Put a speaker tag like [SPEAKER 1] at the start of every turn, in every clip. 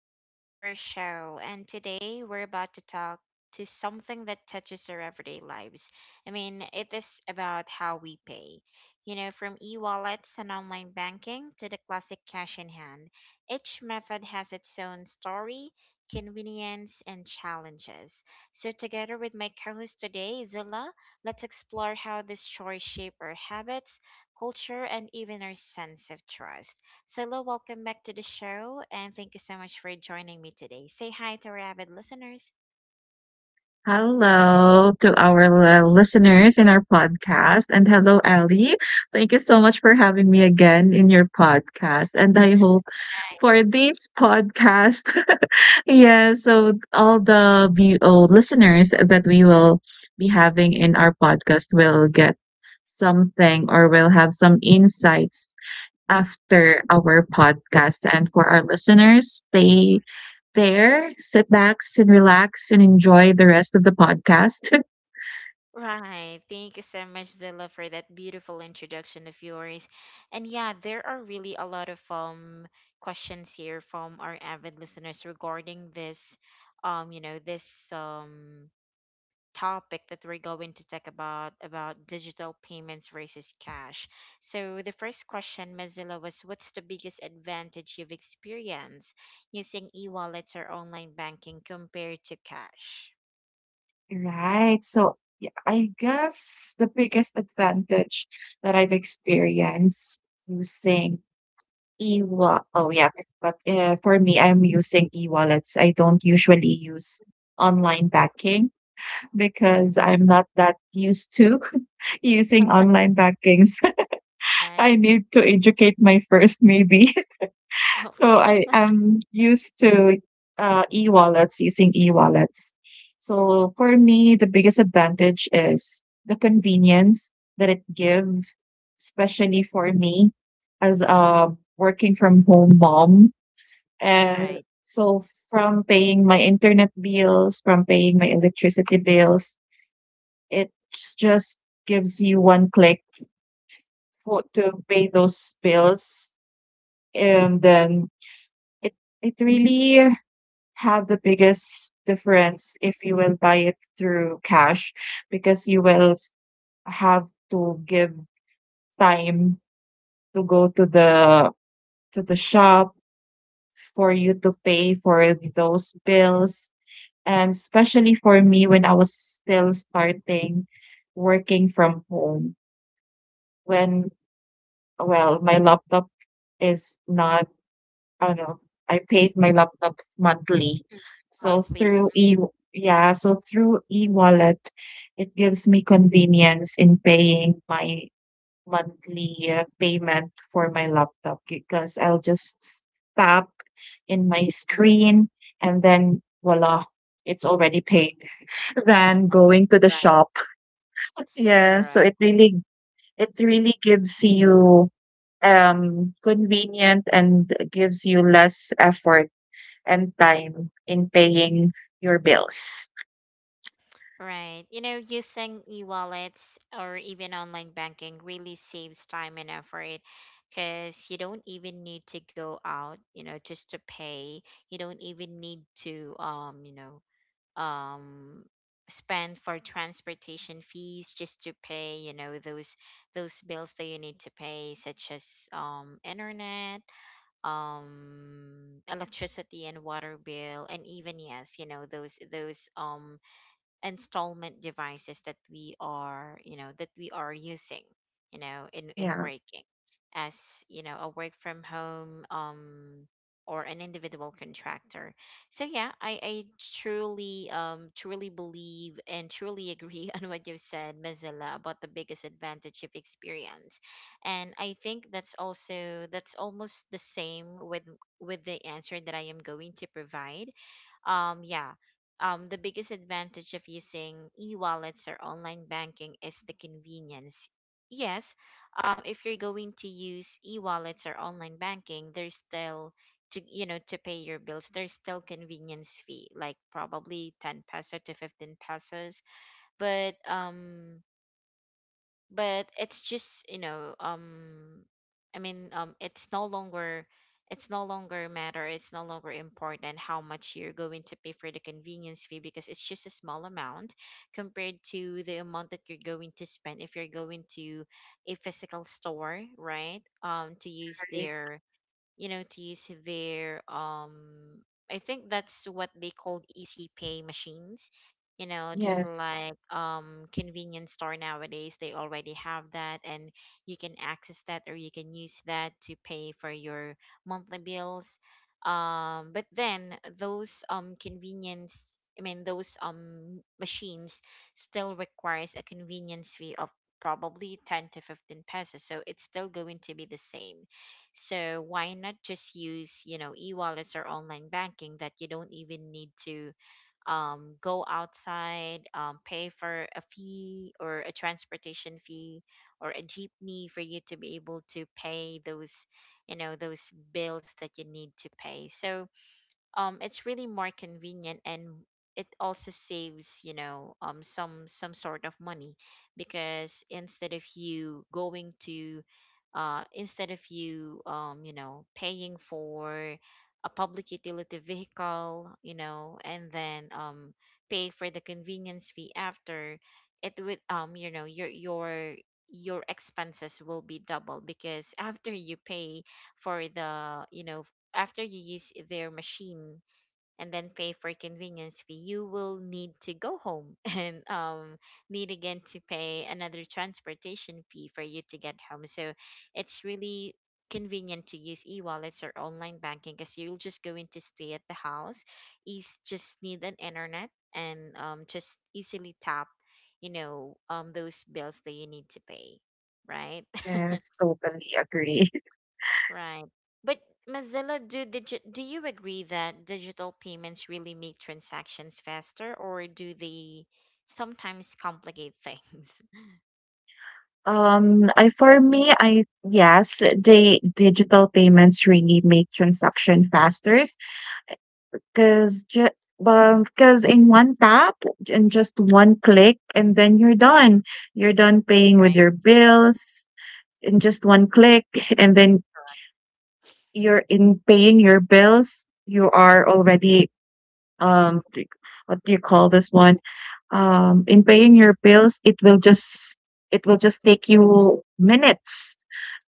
[SPEAKER 1] welcome back to our show. And today we're about to talk to something that touches our everyday lives. I mean, it is about how we pay. You know, from e-wallets and online banking to the classic cash in hand, each method has its own story, convenience, and challenges. So together with my co-host today, Zilla, let's explore how this choice shape our habits, culture, and even our sense of trust. Silo, welcome back to the show and thank you so much for joining me today. Say hi to our avid listeners.
[SPEAKER 2] Hello to our listeners in our podcast. And hello, Ali. Thank you so much for having me again in your podcast. And I hope
[SPEAKER 1] Hi.
[SPEAKER 2] for this podcast, yeah, so all the VO listeners that we will be having in our podcast will get something or will have some insights after our podcast. And for our listeners, stay there, sit back and relax and enjoy the rest of the podcast.
[SPEAKER 1] Right. Thank you so much, Zilla, for that beautiful introduction of yours. And yeah, there are really a lot of questions here from our avid listeners regarding this um topic that we're going to talk about digital payments versus cash. So the first question, Mozilla, was what's the biggest advantage you've experienced using e-wallets or online banking compared to cash?
[SPEAKER 2] Right. I guess the biggest advantage that I've experienced using e-wallet. Oh yeah, but for me, I'm using e-wallets. I don't usually use online banking
[SPEAKER 1] Mm-hmm.
[SPEAKER 2] because I'm not that used to using online bankings.
[SPEAKER 1] Right.
[SPEAKER 2] I need to educate my first, maybe.
[SPEAKER 1] Okay.
[SPEAKER 2] So I am used to e-wallets using e-wallets. So for me, the biggest advantage is the convenience that it gives, especially for me as a working from home mom. And
[SPEAKER 1] Right.
[SPEAKER 2] so from paying my internet bills, from paying my electricity bills, it just gives you one click for to pay those bills, and then it it really have the biggest difference if you will buy it through cash because you will have to give time to go to the shop for you to pay for those bills, and especially for me when I was still starting working from home when well my laptop is not I don't know I paid my laptops monthly.
[SPEAKER 1] Mm.
[SPEAKER 2] So
[SPEAKER 1] Monthly.
[SPEAKER 2] through
[SPEAKER 1] Mm-hmm.
[SPEAKER 2] e Yeah, so through e-wallet, it gives me convenience in paying my monthly payment for my laptop because I'll just tap in my screen and then voila, it's already paid. Than going to the
[SPEAKER 1] Right.
[SPEAKER 2] shop. Yeah, so
[SPEAKER 1] Correct.
[SPEAKER 2] it really gives you convenient and gives you less effort and time in paying your bills.
[SPEAKER 1] Right. You know, using e-wallets or even online banking really saves time and effort because you don't even need to go out, you know, just to pay. You don't even need to um spend for transportation fees just to pay, you know, those bills that you need to pay such as internet, electricity and water bill, and even yes, you know, those installment devices that we are you know that we are using you know in
[SPEAKER 2] Yeah,
[SPEAKER 1] working as you know a work from home or an individual contractor. So yeah, I truly truly believe and truly agree on what you said, Mozilla, about the biggest advantage of experience, and I think that's also that's almost the same with the answer that I am going to provide. um yeah the biggest advantage of using e-wallets or online banking is the convenience. Yes, if you're going to use e-wallets or online banking, there's still to you know to pay your bills, there's still convenience fee, like probably 10 peso to 15 pesos. But um, but it's just you know i mean um it's no longer it's no longer matter it's no longer important how much you're going to pay for the convenience fee because it's just a small amount compared to the amount that you're going to spend if you're going to a physical store, right? To use
[SPEAKER 2] right.
[SPEAKER 1] their you know, to use their I think that's what they called easy pay machines. You know, just
[SPEAKER 2] Yes.
[SPEAKER 1] like convenience store nowadays, they already have that and you can access that or you can use that to pay for your monthly bills. But then those convenience I mean those machines still requires a convenience fee of probably 10 to 15 pesos, so it's still going to be the same. So why not just use, you know, e-wallets or online banking that you don't even need to go outside, pay for a fee or a transportation fee or a jeepney for you to be able to pay those, you know, those bills that you need to pay. So it's really more convenient and it also saves you know some sort of money because instead of you going to instead of you you know paying for a public utility vehicle, you know, and then pay for the convenience fee after, it would you know your expenses will be double because after you pay for the you know after you use their machine and then pay for convenience fee, you will need to go home and need again to pay another transportation fee for you to get home. So it's really convenient to use e-wallets or online banking because you're just going to stay at the house. Is just need an internet and just easily tap, you know, those bills that you need to pay, right?
[SPEAKER 2] Yes, totally agree.
[SPEAKER 1] Right. But Mozilla, do you agree that digital payments really make transactions faster, or do they sometimes complicate things?
[SPEAKER 2] I for me, I yes. The digital payments really make transaction faster because just because in one tap and just one click and then you're done. You're done paying with
[SPEAKER 1] Right,
[SPEAKER 2] your bills in just one click and then
[SPEAKER 1] correct,
[SPEAKER 2] you're in paying your bills, you are already do what do you call this one? In paying your bills, it will just take you minutes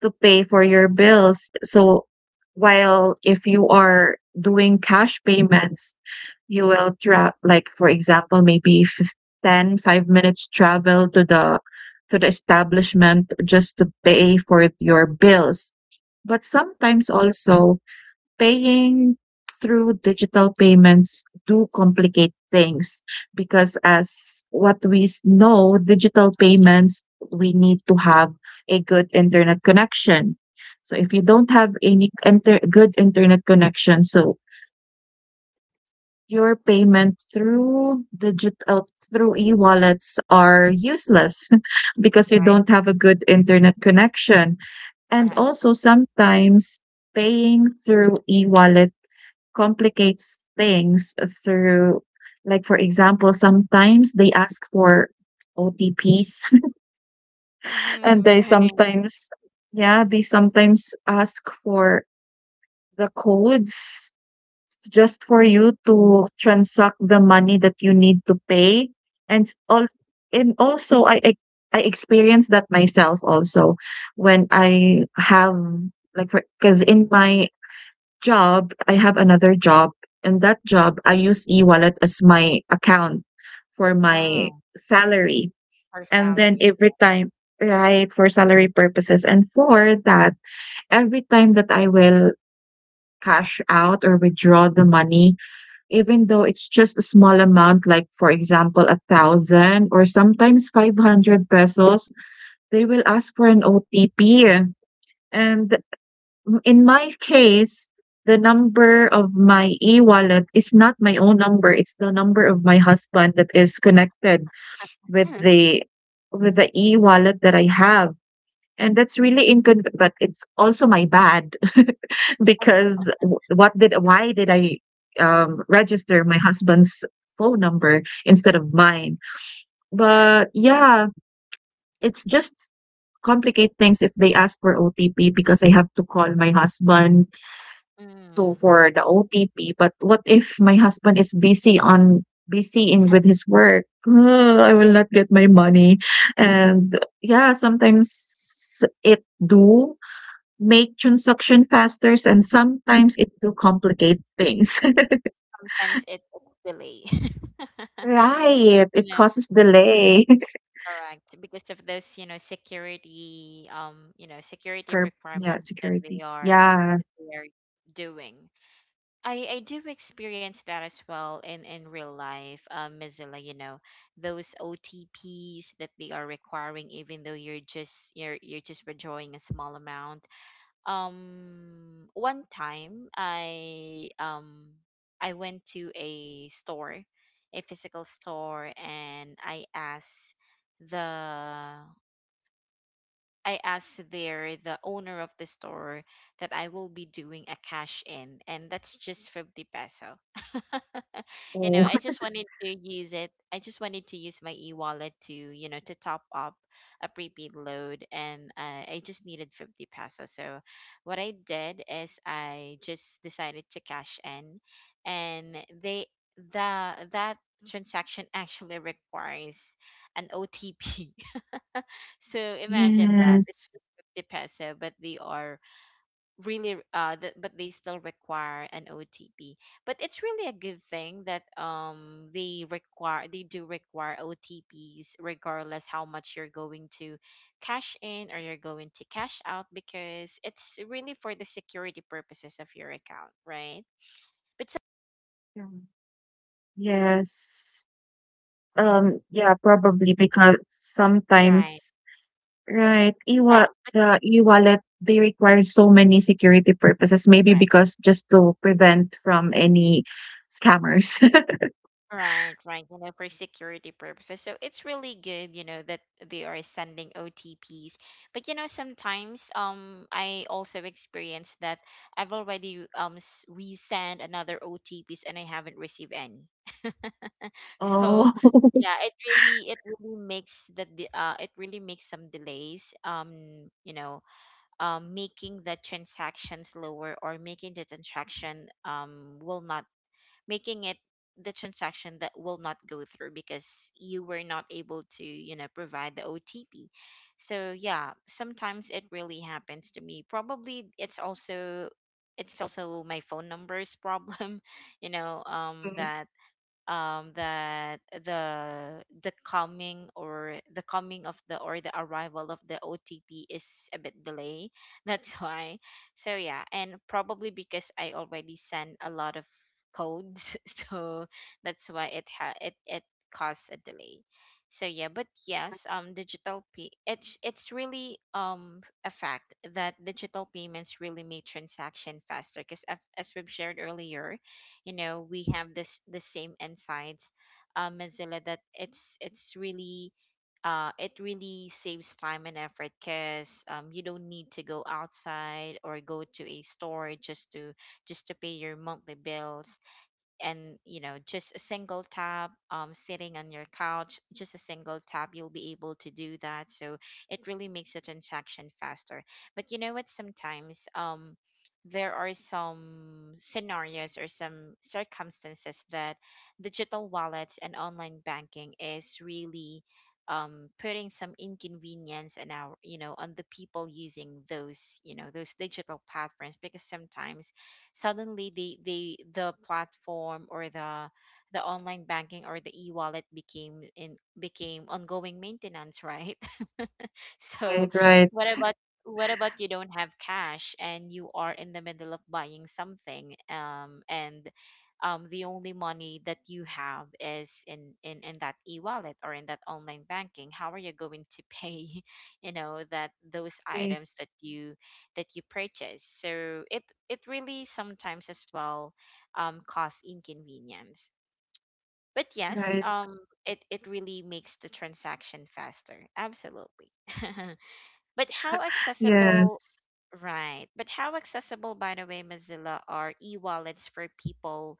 [SPEAKER 2] to pay for your bills. So while if you are doing cash payments, you will tra like for example, maybe 10, 5 minutes travel to the establishment just to pay for your bills. But sometimes also paying through digital payments do complicate things because as what we know, digital payments, we need to have a good internet connection. So if you don't have any good internet connection, so your payment through digital, through e-wallets are useless because you
[SPEAKER 1] right,
[SPEAKER 2] don't have a good internet connection. And
[SPEAKER 1] correct.
[SPEAKER 2] also sometimes paying through e-wallet complicates things through, like for example, sometimes they ask for otps and
[SPEAKER 1] Mm-hmm,
[SPEAKER 2] they
[SPEAKER 1] right.
[SPEAKER 2] sometimes yeah they sometimes ask for the codes just for you to transact the money that you need to pay. And all, and also I experienced that myself also when I have, like for because in my job, I have another job, and that job, I use e-wallet as my account for my
[SPEAKER 1] Oh,
[SPEAKER 2] salary.
[SPEAKER 1] for
[SPEAKER 2] And then
[SPEAKER 1] salary.
[SPEAKER 2] every time, right, for salary purposes. And for that, every time that I will cash out or withdraw the money, even though it's just a small amount, like for example, a thousand or sometimes 500 pesos, they will ask for an OTP. And Mm, in my case, the number of my e-wallet is not my own number. It's the number of my husband that is connected with the with the e-wallet that I have. And that's really inconvenient, but it's also my bad because w- what did why did I register my husband's phone number instead of mine?
[SPEAKER 1] Right.
[SPEAKER 2] But yeah, it's just complicate things if they ask for OTP because I have to call my husband to
[SPEAKER 1] Mm,
[SPEAKER 2] for the OTP, but what if my husband is busy on busy in with his work? I will
[SPEAKER 1] right.
[SPEAKER 2] not get my money. And yeah, sometimes it do make transaction faster and sometimes it do complicate things.
[SPEAKER 1] Sometimes it's delay.
[SPEAKER 2] Right.
[SPEAKER 1] You
[SPEAKER 2] It
[SPEAKER 1] know,
[SPEAKER 2] causes delay.
[SPEAKER 1] correct. Because of those, you know, security
[SPEAKER 2] Per yeah,
[SPEAKER 1] requirements that
[SPEAKER 2] security.
[SPEAKER 1] they are
[SPEAKER 2] Yeah.
[SPEAKER 1] that they are doing. I do experience that as well in real life, Mozilla, you know, those OTPs that they are requiring, even though you're just withdrawing a small amount. One time I went to a store, a physical store, and I asked the I asked there the owner of the store that I will be doing a cash in, and that's just 50 peso. You know,
[SPEAKER 2] Oh,
[SPEAKER 1] I just wanted to use my e-wallet to you know to top up a prepaid load, and I just needed 50 pesos. So what I did is I just decided to cash in, and they the that transaction actually requires an otp. So imagine that it's
[SPEAKER 2] yes.
[SPEAKER 1] just 50 peso, but they are really th- but they still require an OTP. But it's really a good thing that they do require OTPs regardless how much you're going to cash in or you're going to cash out, because it's really for the security purposes of your account, right? But so,
[SPEAKER 2] Yeah. Yes. Yeah, probably because
[SPEAKER 1] right.
[SPEAKER 2] sometimes Right, e-wa
[SPEAKER 1] Yeah,
[SPEAKER 2] the e-wallet, they require so many security purposes, maybe
[SPEAKER 1] but
[SPEAKER 2] because just to prevent from any scammers.
[SPEAKER 1] Right, right. You know, for security purposes. So it's really good, you know, that they are sending OTPs. But you know, sometimes I also experienced that I've resend another OTPs and I haven't received any. So
[SPEAKER 2] Oh.
[SPEAKER 1] yeah, it really makes the it really makes some delays you know making the transaction slower, or making the transaction will not making it the transaction that will not go through because you were not able to, you know, provide the OTP. So yeah, sometimes it really happens to me. Probably it's also my phone number's problem, you know, that the coming or the coming of the or the arrival of the OTP is a bit delay. That's why. So yeah, and probably because I already sent a lot of codes. So that's why it ha it it caused a delay. So yeah, but yes, digital pay it's really a fact that digital payments really make transaction faster because as we've shared earlier, you know we have this the same insights mozilla that it really saves time and effort because you don't need to go outside or go to a store just to pay your monthly bills, and you know just a single tap sitting on your couch just a single tap you'll be able to do that. So it really makes the transaction faster. But you know what, sometimes there are some scenarios or some circumstances that digital wallets and online banking is really putting some inconvenience in our you know on the people using those you know those digital platforms because sometimes suddenly the platform or the online banking or the e-wallet became ongoing maintenance, right? So,
[SPEAKER 2] Right, right,
[SPEAKER 1] what about what about you don't have cash and you are in the middle of buying something, and the only money that you have is in, in that e-wallet or in that online banking. How are you going to pay, you know, that those
[SPEAKER 2] right,
[SPEAKER 1] items that you purchase? So it really sometimes as well cause inconvenience. But yes,
[SPEAKER 2] right.
[SPEAKER 1] it, it really makes the transaction faster. Absolutely. But how accessible,
[SPEAKER 2] Yes.
[SPEAKER 1] right? But how accessible, by the way, Mozilla, are e-wallets for people?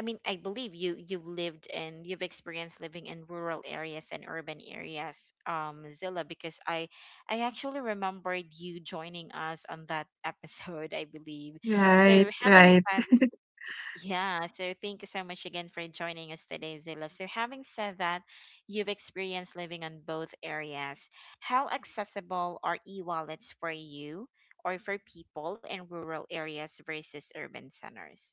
[SPEAKER 1] I mean, I believe you you've lived and you've experienced living in rural areas and urban areas, Mozilla, because I actually remembered you joining us on that episode, I believe. So
[SPEAKER 2] Right,
[SPEAKER 1] having
[SPEAKER 2] right,
[SPEAKER 1] said yeah, so thank you so much again for joining us today, Zilla. So, having said that, you've experienced living on both areas. How accessible are e wallets for you or for people in rural areas versus urban centers?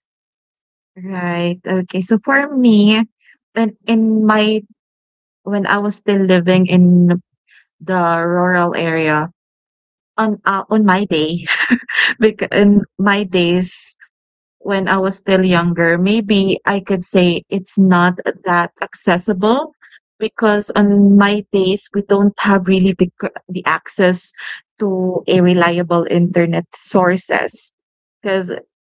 [SPEAKER 2] right. Okay, so for me, when in my when I was still living in the rural area on my day, because in my days when I was still younger, maybe I could say it's not that accessible because on my days we don't have really the the access to a reliable internet sources because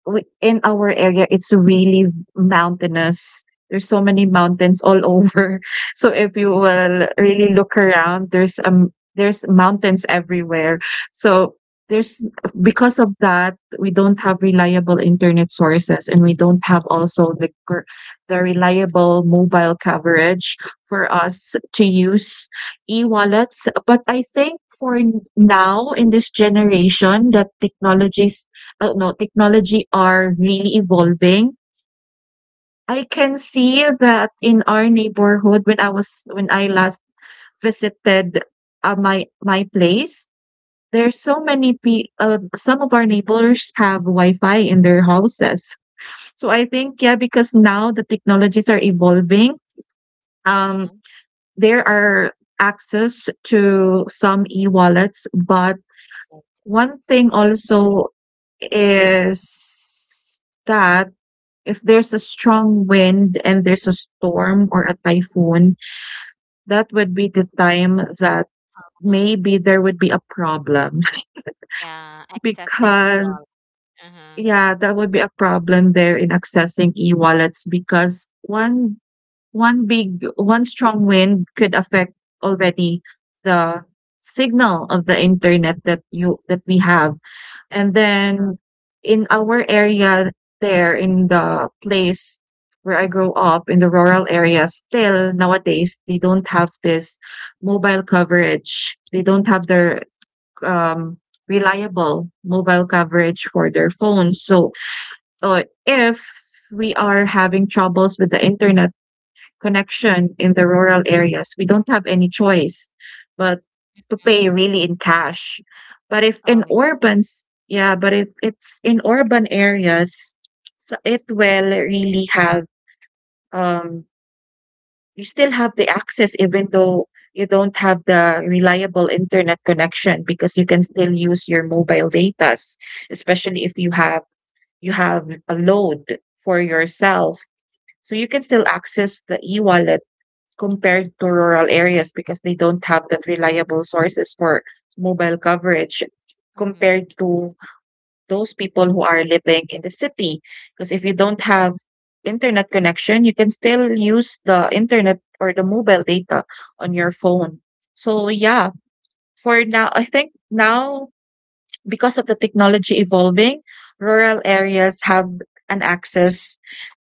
[SPEAKER 2] we, in our area, it's really mountainous. There's so many mountains all over. So if you will really look around, there's mountains everywhere. So there's because of that we don't have reliable internet sources, and we don't have also the the reliable mobile coverage for
[SPEAKER 1] Mm-hmm.
[SPEAKER 2] us to use e-wallets. But I think for now in this generation that technologies no technology are really evolving, I can see that in our neighborhood when I was when I last visited my my place, there's so many pe some of our neighbors have Wi-Fi in their houses. So I think, yeah, because now the technologies are evolving, um,
[SPEAKER 1] Uh-huh.
[SPEAKER 2] there are access to some e-wallets. But
[SPEAKER 1] Okay.
[SPEAKER 2] one thing also is that if there's a strong wind and there's a storm or a typhoon, that would be the time that
[SPEAKER 1] Uh-huh.
[SPEAKER 2] maybe there would be a problem
[SPEAKER 1] Yeah, accessing e
[SPEAKER 2] because
[SPEAKER 1] wallet. Uh-huh.
[SPEAKER 2] yeah, that would be a problem there in accessing e-wallets because one strong wind could affect already the signal of the internet that you that we have. And
[SPEAKER 1] Sure.
[SPEAKER 2] then in our area, there in the place where I grow up in the rural area, still nowadays they don't have this mobile coverage. They don't have their um reliable mobile coverage for their phones. So or if we are having troubles with the internet connection in the rural areas, we don't have any choice but to
[SPEAKER 1] Mm.
[SPEAKER 2] pay really in cash.
[SPEAKER 1] Oh, yeah.
[SPEAKER 2] But if it's in urban areas, so it will really have um you still have the access even though you don't have the reliable internet connection because you can still use your mobile datas, especially if you have a load for yourself, so you can still access the e-wallet compared to rural areas because they don't have that reliable sources for mobile coverage
[SPEAKER 1] Mm-hmm.
[SPEAKER 2] compared to those people who are living in the city. Because if you don't have internet connection, you can still use the internet or the mobile data on your phone. So yeah, for now, I think now because of the technology evolving, rural areas have an access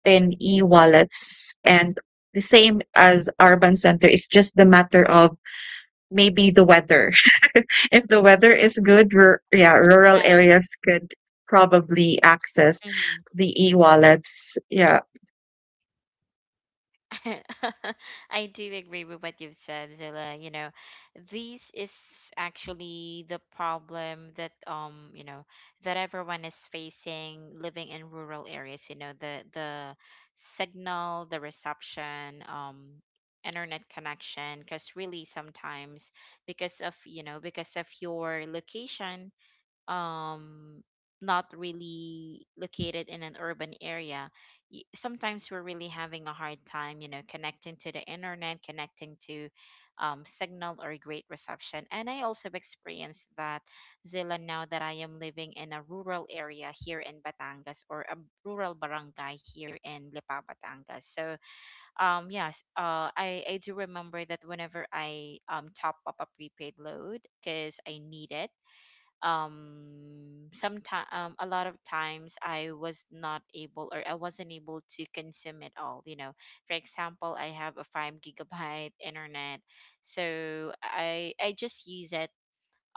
[SPEAKER 2] in e-wallets, and the same as urban center, it's just the matter of maybe the weather if the weather is good, yeah, rural
[SPEAKER 1] Right.
[SPEAKER 2] areas could probably access
[SPEAKER 1] Mm-hmm.
[SPEAKER 2] the e-wallets. Yeah,
[SPEAKER 1] I do agree with what you've said, Zilla. You know, this is actually the problem that you know, that everyone is facing living in rural areas, you know, the signal, the reception, internet connection, because really sometimes because of, you know, because of your location, um not really located in an urban area, sometimes we're really having a hard time, you know, connecting to the internet, connecting to signal or great reception. And I also experienced that, Zilla, now that I am living in a rural area here in Batangas, or a rural barangay here in Lipa Batangas. So yes, I do remember that whenever I top up a prepaid load because I need it. Sometimes, a lot of times I was not able, or I wasn't able to consume it all, you know. For example, I have a 5 gigabyte internet, so I just use it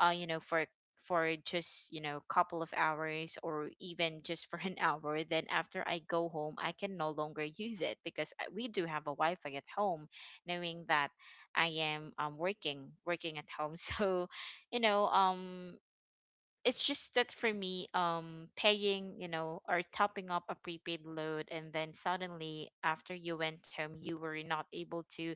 [SPEAKER 1] you know, for just, you know, couple of hours or even just for an hour. Then after I go home, I can no longer use it because we do have a Wi-Fi at home, knowing that I am working working at home. So you know, it's just that for me, paying, you know, or topping up a prepaid load, and then suddenly after you went home, you were not able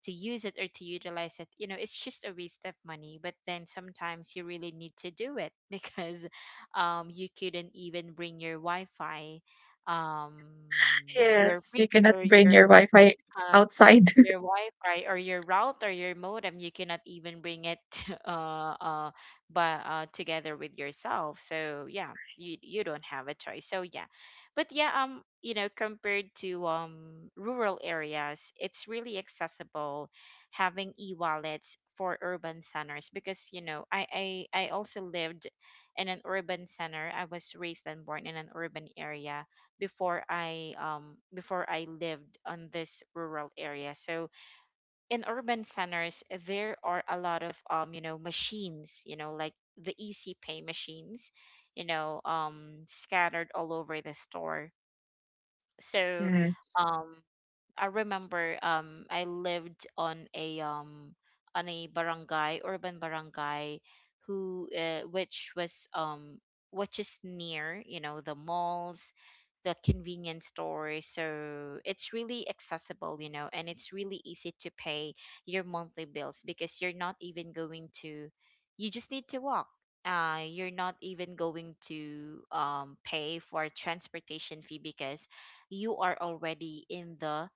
[SPEAKER 1] to use it or to utilize it. You know, it's just a waste of money. But then sometimes you really need to do it because, you couldn't even bring your Wi-Fi, um,
[SPEAKER 2] yes, you cannot
[SPEAKER 1] your
[SPEAKER 2] bring
[SPEAKER 1] your
[SPEAKER 2] your Wi-Fi
[SPEAKER 1] uh,
[SPEAKER 2] outside.
[SPEAKER 1] your Wi-Fi or your router, your modem, you cannot even bring it. uh, uh, but together with yourself. So yeah, you don't have a choice. So yeah, but yeah, you know, compared to rural areas, it's really accessible having e-wallets for urban centers, because you know I also lived in an urban center. I was raised and born in an urban area before I lived on this rural area. So in urban centers, there are a lot of you know machines, you know, like the easy pay machines, you know, scattered all over the store. So
[SPEAKER 2] Yes.
[SPEAKER 1] um I remember, I lived on a barangay, urban barangay, who which was which is near, you know, the malls, the convenience stores. So it's really accessible, you know, and it's really easy to pay your monthly bills because you're not even going to you just need to walk. You're not even going to pay for transportation fee because you are already in the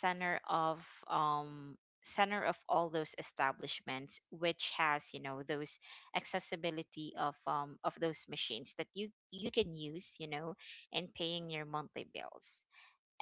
[SPEAKER 1] center of um center of all those establishments which has, you know, those accessibility of those machines that you can use, you know, in paying your monthly bills.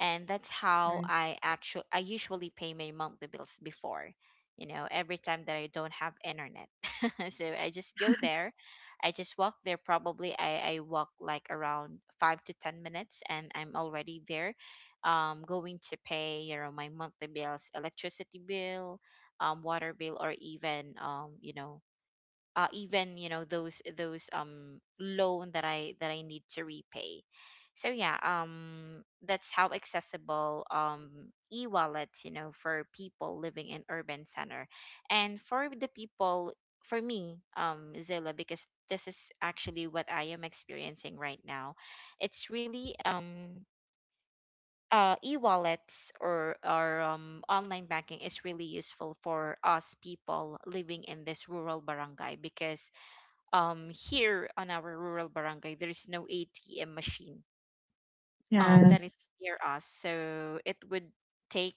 [SPEAKER 1] And that's how
[SPEAKER 2] Right.
[SPEAKER 1] I actually I usually pay my monthly bills before, you know, every time that I don't have internet. So I just go there, I just walk there. Probably I walk like around 5 to 10 minutes, and I'm already there, going to pay, you know, my monthly bills, electricity bill, water bill, or even you know even you know those loan that I need to repay. So yeah, that's how accessible e-wallets, you know, for people living in urban center. And for the people for me, Zilla, because this is actually what I am experiencing right now. It's really e-wallets or online banking is really useful for us people living in this rural barangay, because here on our rural barangay there is no ATM machine that is
[SPEAKER 2] Yes.
[SPEAKER 1] near us. So it would take,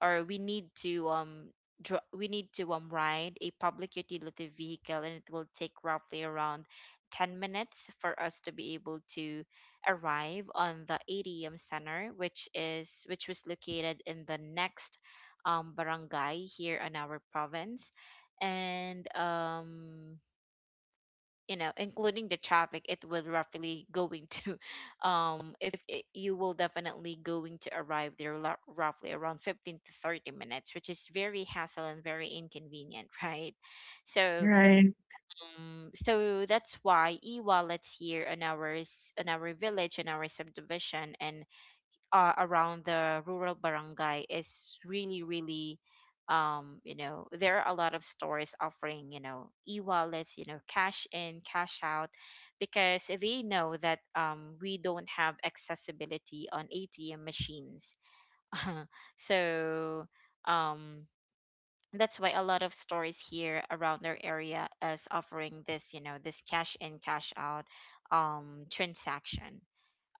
[SPEAKER 1] or we need to we need to ride a public utility vehicle, and it will take roughly around 10 minutes for us to be able to arrive on the ATM center, which is which was located in the next barangay here in our province. And you know, including the traffic, it will roughly going to if it, you will definitely going to arrive there roughly around 15 to 30 minutes, which is very hassle and very inconvenient. Right? So
[SPEAKER 2] Right,
[SPEAKER 1] so that's why e-wallets here on our on our village and our subdivision and around the rural barangay is really really you know, there are a lot of stores offering, you know, e-wallets, you know, cash in cash out, because they know that we don't have accessibility on ATM machines. So um that's why a lot of stores here around their area is offering this, you know, this cash in cash out transaction.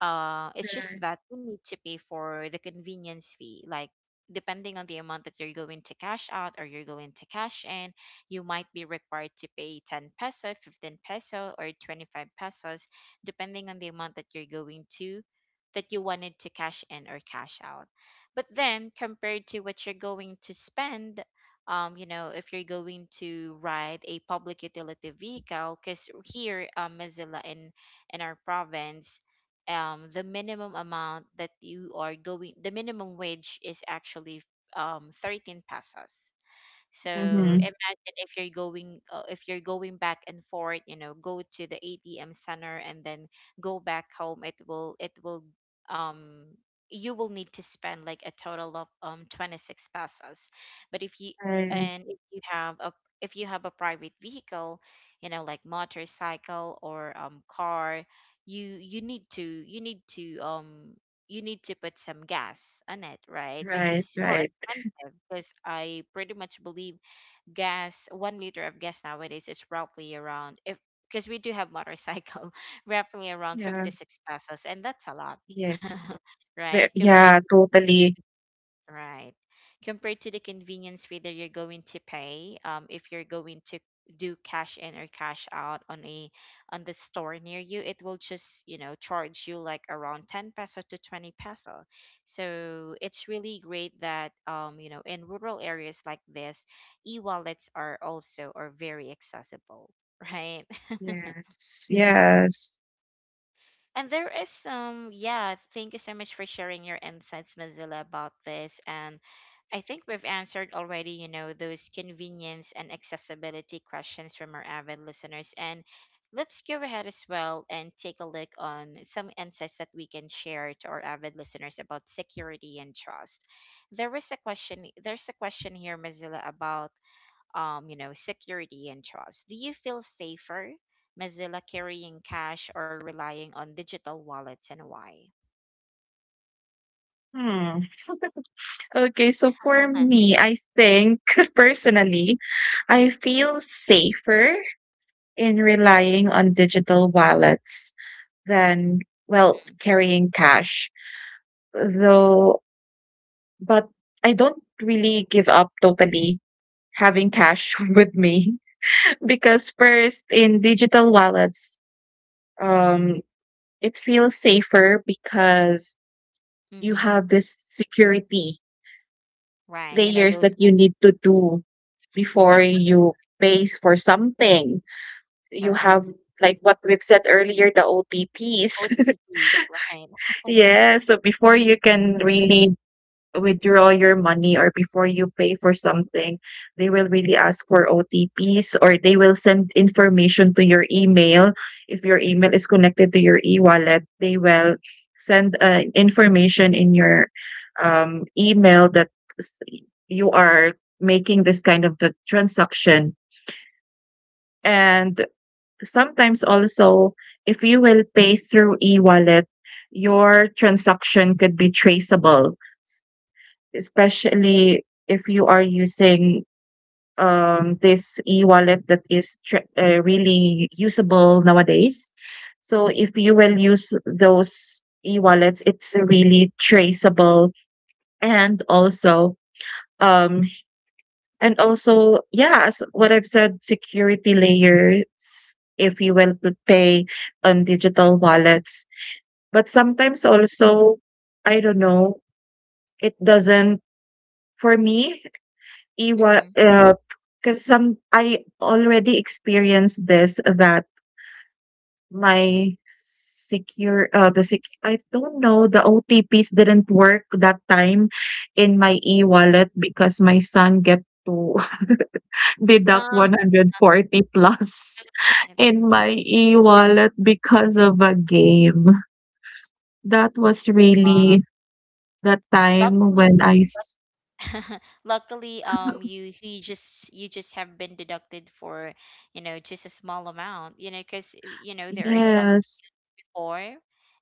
[SPEAKER 1] It's just
[SPEAKER 2] right.
[SPEAKER 1] that you need to pay for the convenience fee. Like, depending on the amount that you're going to cash out or you're going to cash in, you might be required to pay 10 peso, 15 peso, or 25 pesos, depending on the amount that you're going to, that you wanted to cash in or cash out. But then, compared to what you're going to spend, you know, if you're going to ride a public utility vehicle, because here, Mozilla, in our province, the minimum amount that you are going the minimum wage is actually 13 pesos. So
[SPEAKER 2] Mm-hmm.
[SPEAKER 1] imagine if you're going back and forth, you know, go to the ATM center and then go back home. It will um you will need to spend like a total of 26 pesos. But if you
[SPEAKER 2] Right,
[SPEAKER 1] and if you have a if you have a private vehicle, you know, like motorcycle or car, you need to you need to you need to put some gas on it, right? Which
[SPEAKER 2] right,
[SPEAKER 1] is more
[SPEAKER 2] right.
[SPEAKER 1] expensive, because I pretty much believe gas, 1 liter of gas nowadays is roughly around, if because we do have motorcycle, roughly around
[SPEAKER 2] Yeah.
[SPEAKER 1] 56 pesos, and that's a lot,
[SPEAKER 2] Yes.
[SPEAKER 1] right? Compared
[SPEAKER 2] Yeah, totally.
[SPEAKER 1] Right. Compared to the convenience, whether you're going to pay, if you're going to do cash in or cash out on a on the store near you, it will just, you know, charge you like around 10 peso to 20 peso. So it's really great that you know, in rural areas like this, e-wallets are also are very accessible, right?
[SPEAKER 2] Yes, yes.
[SPEAKER 1] And there is some, yeah, thank you so much for sharing your insights, Mozilla, about this. And I think we've answered already, you know, those convenience and accessibility questions from our avid listeners. And let's go ahead as well and take a look on some insights that we can share to our avid listeners about security and trust. There is a question, there's a question here, Mozilla, about you know, security and trust. Do you feel safer, Mozilla, carrying cash or relying on digital wallets, and why?
[SPEAKER 2] Hmm. Okay, so for me, I think personally, I feel safer in relying on digital wallets than, well, carrying cash. Though, but I don't really give up totally having cash with me because first in digital wallets, um, it feels safer because you
[SPEAKER 1] Mm-hmm.
[SPEAKER 2] have this security
[SPEAKER 1] Right. You know,
[SPEAKER 2] layers
[SPEAKER 1] those
[SPEAKER 2] that you need to do before you pay for something. You have,
[SPEAKER 1] correct.
[SPEAKER 2] like what we've said earlier, the OTPs.
[SPEAKER 1] OTP, right?
[SPEAKER 2] Yeah. So before you can really withdraw your money or before you pay for something, they will really ask for OTPs or they will send information to your email. If your email is connected to your e-wallet, they will send information in your email that s- you are making this kind of the transaction. And sometimes also, if you will pay through e-wallet, your transaction could be traceable, especially if you are using this e-wallet that is really usable nowadays. So if you will use those e-wallets, it's really traceable. And also um yeah, as what I've said, security layers, if you will put pay on digital wallets. But sometimes also, I don't know, it doesn't for me Iwa
[SPEAKER 1] Mm-hmm.
[SPEAKER 2] because some I already experienced this that my secure the sec I don't know, the OTPs didn't work that time in my e-wallet because my son get to deduct
[SPEAKER 1] Uh,
[SPEAKER 2] 140 plus
[SPEAKER 1] Right.
[SPEAKER 2] in my e-wallet because of a game. That was
[SPEAKER 1] Wow.
[SPEAKER 2] really the time
[SPEAKER 1] Luckily,
[SPEAKER 2] when I s
[SPEAKER 1] luckily, you just have been deducted for, you know, just a small amount, you know, because you know there are some
[SPEAKER 2] Yes.
[SPEAKER 1] before.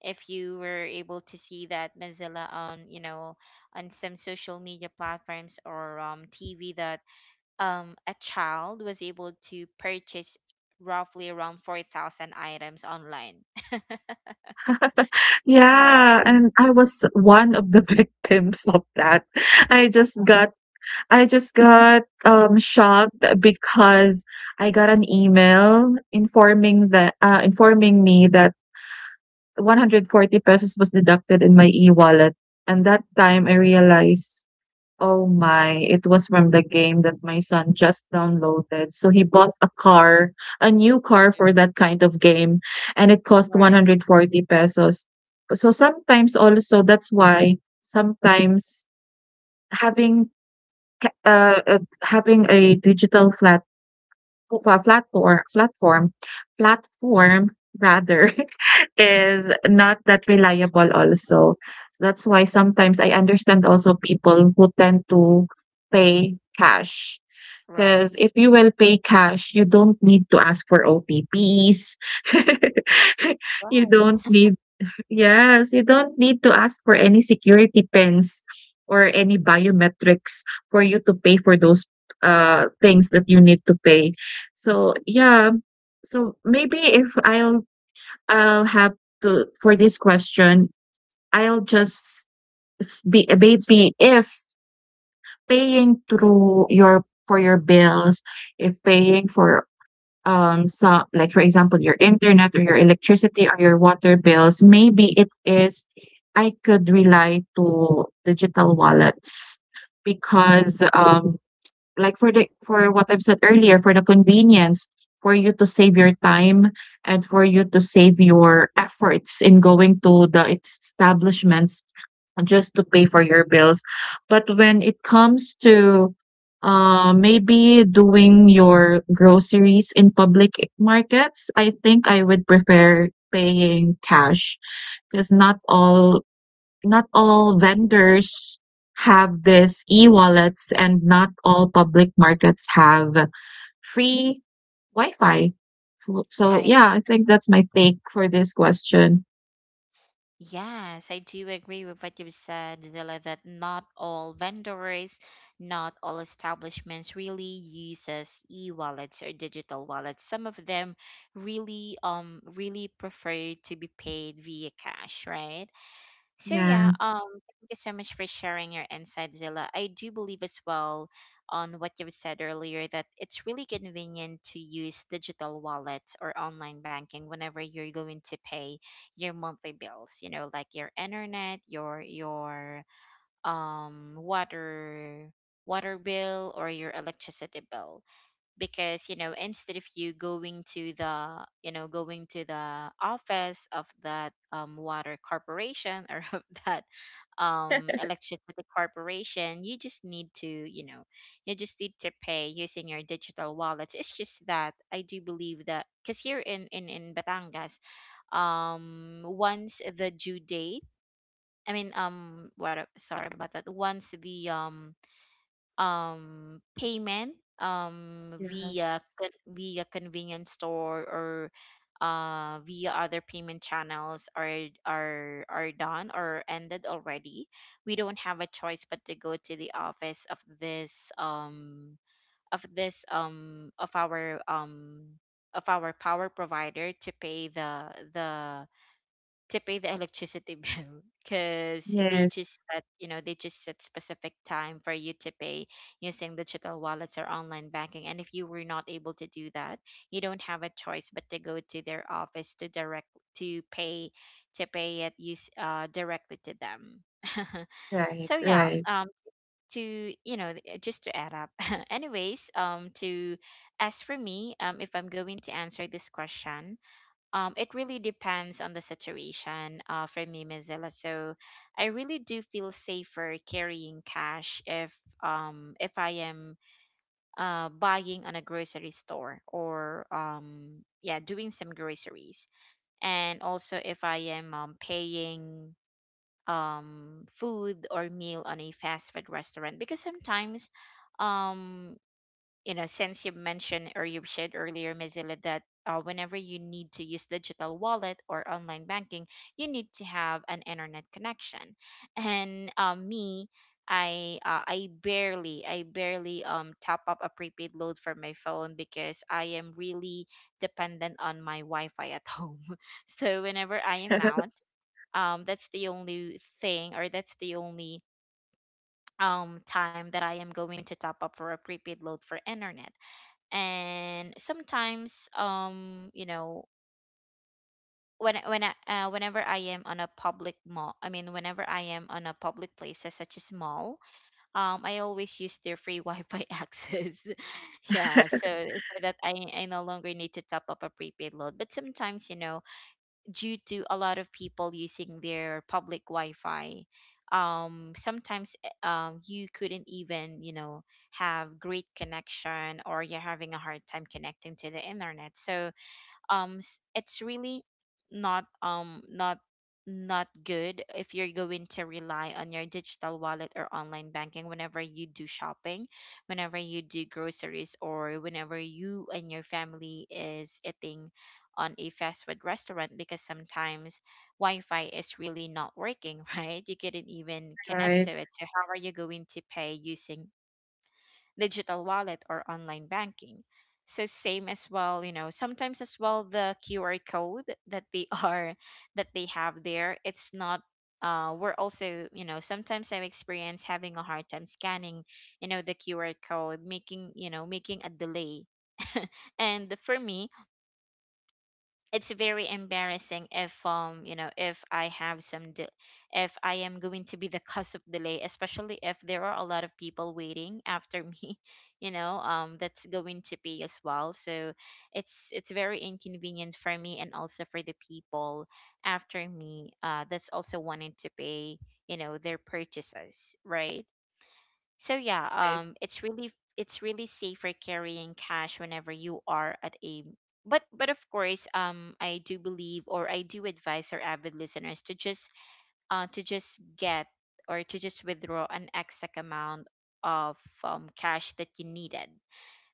[SPEAKER 1] If you were able to see that, Mozilla, on, you know, on some social media platforms or TV, that a child was able to purchase roughly around 4,000 items online, right?
[SPEAKER 2] Yeah, and I was one of the victims of that. I just got I just got shocked because I got an email informing that informing me that 140 pesos was deducted in my e-wallet, and that time I realized, oh my, it was from the game that my son just downloaded. So he bought a new car
[SPEAKER 1] Mhm.
[SPEAKER 2] for that kind of game, and it cost
[SPEAKER 1] Right,
[SPEAKER 2] 140 pesos. So sometimes also that's why sometimes having having a digital flat Pl platfor platform platform rather is not that reliable also. That's why sometimes I understand also people who tend to pay cash.
[SPEAKER 1] right.
[SPEAKER 2] Because if you will pay cash, you don't need to ask for OTPs.
[SPEAKER 1] Right.
[SPEAKER 2] You
[SPEAKER 1] Right.
[SPEAKER 2] don't need Yes, you don't need to ask for any security pins or any biometrics for you to pay for those things that you need to pay. So, yeah. So maybe if I'll have to, for this question, I'll just s be, maybe if paying through your for your bills, if paying for so like for example your internet or your electricity or your water bills, maybe it is I could rely to digital wallets, because like for the for what I've said earlier, for the convenience, for you to save your time and for you to save your efforts in going to the establishments just to pay for your bills. But when it comes to maybe doing your groceries in public markets, I think I would prefer paying cash because not all vendors have this e-wallets, and not all public markets have free Wi-Fi. So,
[SPEAKER 1] Right.
[SPEAKER 2] yeah, I think that's my take for this question.
[SPEAKER 1] Yes, I do agree with what you've said, Zilla, that not all vendors, not all establishments really uses e-wallets or digital wallets. Some of them really really prefer to be paid via cash, right? So yeah,
[SPEAKER 2] Yes.
[SPEAKER 1] thank you so much for sharing your insight, Zilla. I do believe as well on what you've said earlier, that it's really convenient to use digital wallets or online banking whenever you're going to pay your monthly bills, you know, like your internet, your water water bill, or your electricity bill, because you know, instead of you going to the you know going to the office of that water corporation, or of that electricity corporation, you just need to you know you just need to pay using your digital wallets. It's just that I do believe that because here in in Batangas, once the due date, I mean, sorry about that, once the payment via
[SPEAKER 2] Yes.
[SPEAKER 1] via convenience store, or via other payment channels are are done or ended already, we don't have a choice but to go to the office of this of this of our power provider, to pay the to pay the electricity bill, because they just
[SPEAKER 2] Yes.
[SPEAKER 1] set, you know, they just set specific time for you to pay using digital wallets or online banking. And if you were not able to do that, you don't have a choice but to go to their office to direct to pay to pay it use directly to them.
[SPEAKER 2] Right,
[SPEAKER 1] So yeah,
[SPEAKER 2] right.
[SPEAKER 1] to you know just to add up anyways, to as for me, if I'm going to answer this question, it really depends on the situation, for me, Mozilla. So I really do feel safer carrying cash if I am buying on a grocery store or yeah, doing some groceries, and also if I am paying food or meal on a fast food restaurant because sometimes um you know, since you mentioned or you said earlier, Mozilla, that whenever you need to use digital wallet or online banking, you need to have an internet connection. And me, I barely top up a prepaid load for my phone because I am really dependent on my Wi-Fi at home. So whenever I am out,
[SPEAKER 2] Yes.
[SPEAKER 1] that's the only thing or that's the only time that I am going to top up for a prepaid load for internet. And sometimes you know, whenever I am on a public mall, I mean whenever I am on a public places such as mall, I always use their free Wi-Fi access. Yeah, so, so that I no longer need to top up a prepaid load. But sometimes you know, due to a lot of people using their public Wi-Fi, sometimes you couldn't even, you know, have great connection or you're having a hard time connecting to the internet. So it's really not not good if you're going to rely on your digital wallet or online banking whenever you do shopping, whenever you do groceries, or whenever you and your family is eating on a fast food restaurant because sometimes Wi-Fi is really not working. Right, you couldn't even connect to
[SPEAKER 2] Right,
[SPEAKER 1] it, so how are you going to pay using digital wallet or online banking? So same as well, you know, sometimes as well the QR code that they are that they have there, it's not we're also, you know, sometimes I've experienced having a hard time scanning, you know, the QR code, making, you know, making a delay. And for me, it's very embarrassing if you know, if I have some de- if I am going to be the cause of delay, especially if there are a lot of people waiting after me you know, that's going to pay as well. So it's very inconvenient for me and also for the people after me, that's also wanting to pay, you know, their purchases, right? So yeah,
[SPEAKER 2] right.
[SPEAKER 1] it's really safer carrying cash whenever you are at a. But of course, I do believe or I do advise our avid listeners to just get or to just withdraw an exact amount of cash that you needed,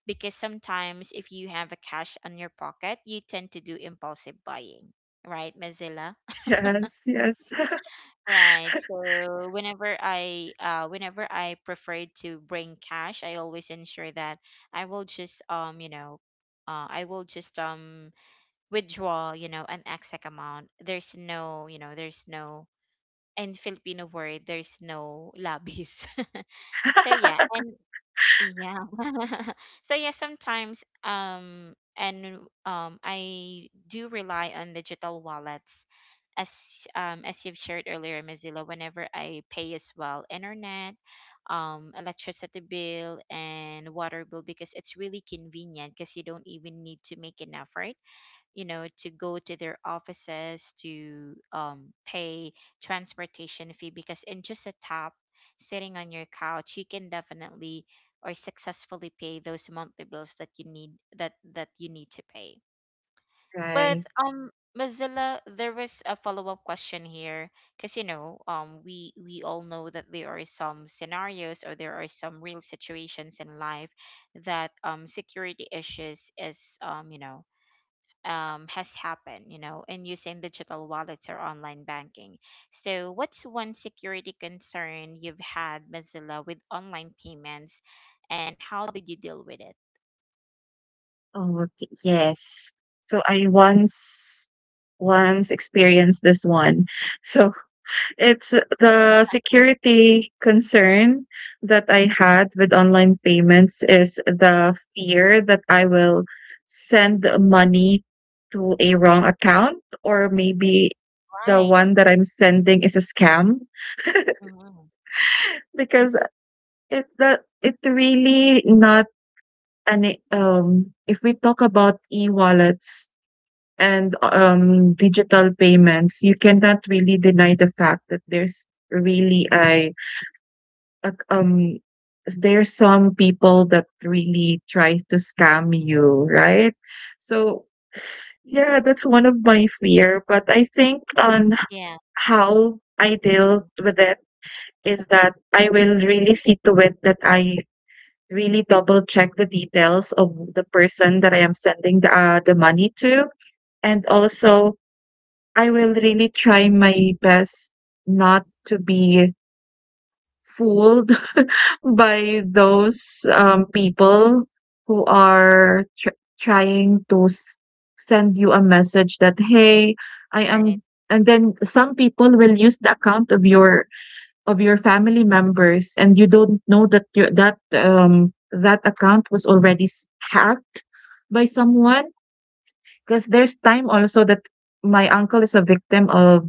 [SPEAKER 1] because sometimes if you have a cash on your pocket, you tend to do impulsive buying, right, Mozilla?
[SPEAKER 2] Yes, yes.
[SPEAKER 1] Right. So whenever I prefer to bring cash, I always ensure that I will just you know, I will just withdraw, you know, an exact amount. There's no, you know, there's no, in Filipino word, there's no labis. So yeah, and yeah. So yeah, sometimes and I do rely on digital wallets as as you've shared earlier, Mozilla, whenever I pay as well internet, electricity bill and water bill, because it's really convenient because you don't even need to make an effort, you know, to go to their offices to pay transportation fee, because in just a tap sitting on your couch you can definitely or successfully pay those monthly bills that you need, that you need to pay. But
[SPEAKER 2] Right.
[SPEAKER 1] um Mozilla, there was a follow-up question here because you know, we all know that there are some scenarios or there are some real situations in life that security issues is, you know, has happened, you know, in using digital wallets or online banking. So what's one security concern you've had, Mozilla, with online payments, and how did you deal with it?
[SPEAKER 2] Oh, okay. Yes. So I once experienced this one. So it's the security concern that I had with online payments is the fear that I will send money to a wrong account, or maybe the
[SPEAKER 1] Right.
[SPEAKER 2] one that I'm sending is a scam.
[SPEAKER 1] Hmm.
[SPEAKER 2] Because it really not an, if we talk about e-wallets and digital payments, you cannot really deny the fact that there's really a there's some people that really try to scam you, right? So yeah, that's one of my fear. But I think on
[SPEAKER 1] Yeah.
[SPEAKER 2] how I
[SPEAKER 1] Hmm.
[SPEAKER 2] deal with it is that I will really see to it that I really double check the details of the person that I am sending the money to. And also, I will really try my best not to be fooled by those people who are trying to send you a message that, hey, I
[SPEAKER 1] Right.
[SPEAKER 2] am. And then some people will use the account of your family members, and you don't know that your that that account was already hacked by someone. Because there's time also that my uncle is a victim of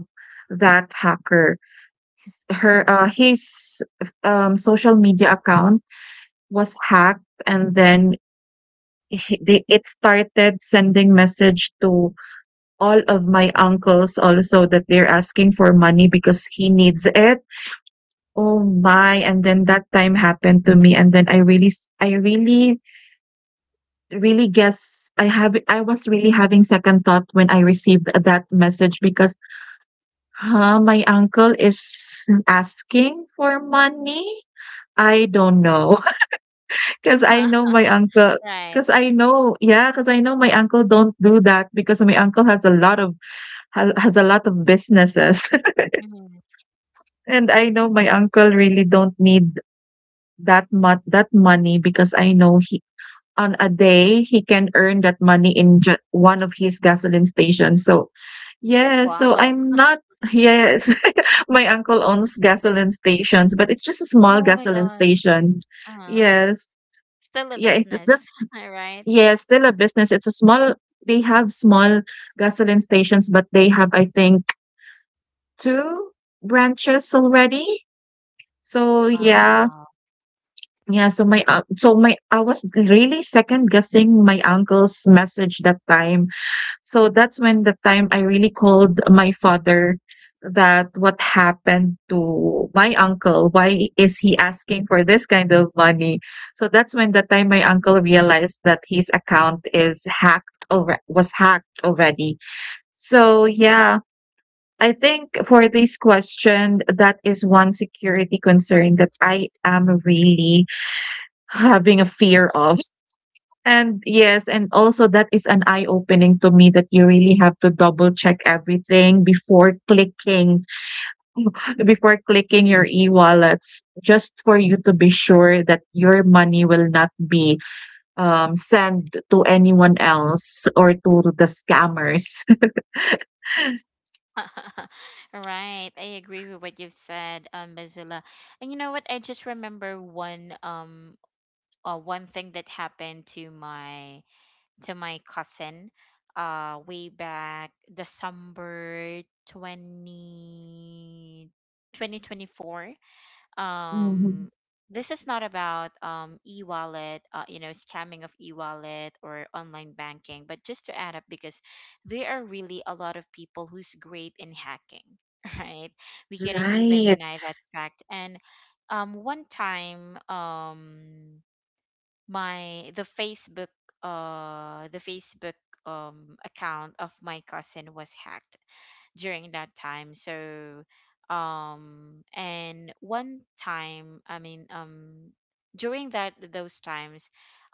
[SPEAKER 2] that hacker, her his social media account was hacked, and then it started sending message to all of my uncles also, that they're asking for money because he needs it. Oh my. And then that time happened to me, and then I really, really guess, I was really having second thought when I received that message, because, huh, my uncle is asking for money? I do not know, because I know my uncle.
[SPEAKER 1] Right.
[SPEAKER 2] Because I know my uncle, 'cause I know my uncle don't do that, because my uncle has a lot of businesses,
[SPEAKER 1] Hmm.
[SPEAKER 2] and I know my uncle really don't need that much, that money, because I know he on a day, he can earn that money in ju one of his gasoline stations. So, yes, so
[SPEAKER 1] Wow.
[SPEAKER 2] I'm not, yes. My uncle owns gasoline stations, but it's just a small
[SPEAKER 1] Oh my
[SPEAKER 2] gasoline
[SPEAKER 1] gosh.
[SPEAKER 2] station.
[SPEAKER 1] Uh-huh.
[SPEAKER 2] Yes.
[SPEAKER 1] Still a
[SPEAKER 2] Yeah, it's just,
[SPEAKER 1] business,
[SPEAKER 2] that's,
[SPEAKER 1] right?
[SPEAKER 2] yeah, still a business. It's a small they have small gasoline stations, but they have, I think, two branches already. So, yeah.
[SPEAKER 1] Wow.
[SPEAKER 2] Yeah, so my un so my I was really second guessing my uncle's message that time. So that's when the time I really called my father, that what happened to my uncle, why is he asking for this kind of money? So that's when the time my uncle realized that his account is hacked, over was hacked already. So yeah, I think for this question, that is one security concern that I am really having a fear of. And yes, and also that is an eye opening to me that you really have to double check everything before clicking your e-wallets, just for you to be sure that your money will not be sent to anyone else or to the scammers.
[SPEAKER 1] Right. I agree with what you've said, Mozilla. And you know what? I just remember one thing that happened to my cousin way back December 20 2024.
[SPEAKER 2] Mhm.
[SPEAKER 1] um this is not about e-wallet, you know, scamming of e-wallet or online banking, but just to add up because there are really a lot of people who's great in hacking. Right, we couldn't even
[SPEAKER 2] Right.
[SPEAKER 1] deny that fact. And one time, my the Facebook account of my cousin was hacked during that time. So, and one time, I mean, during that those times,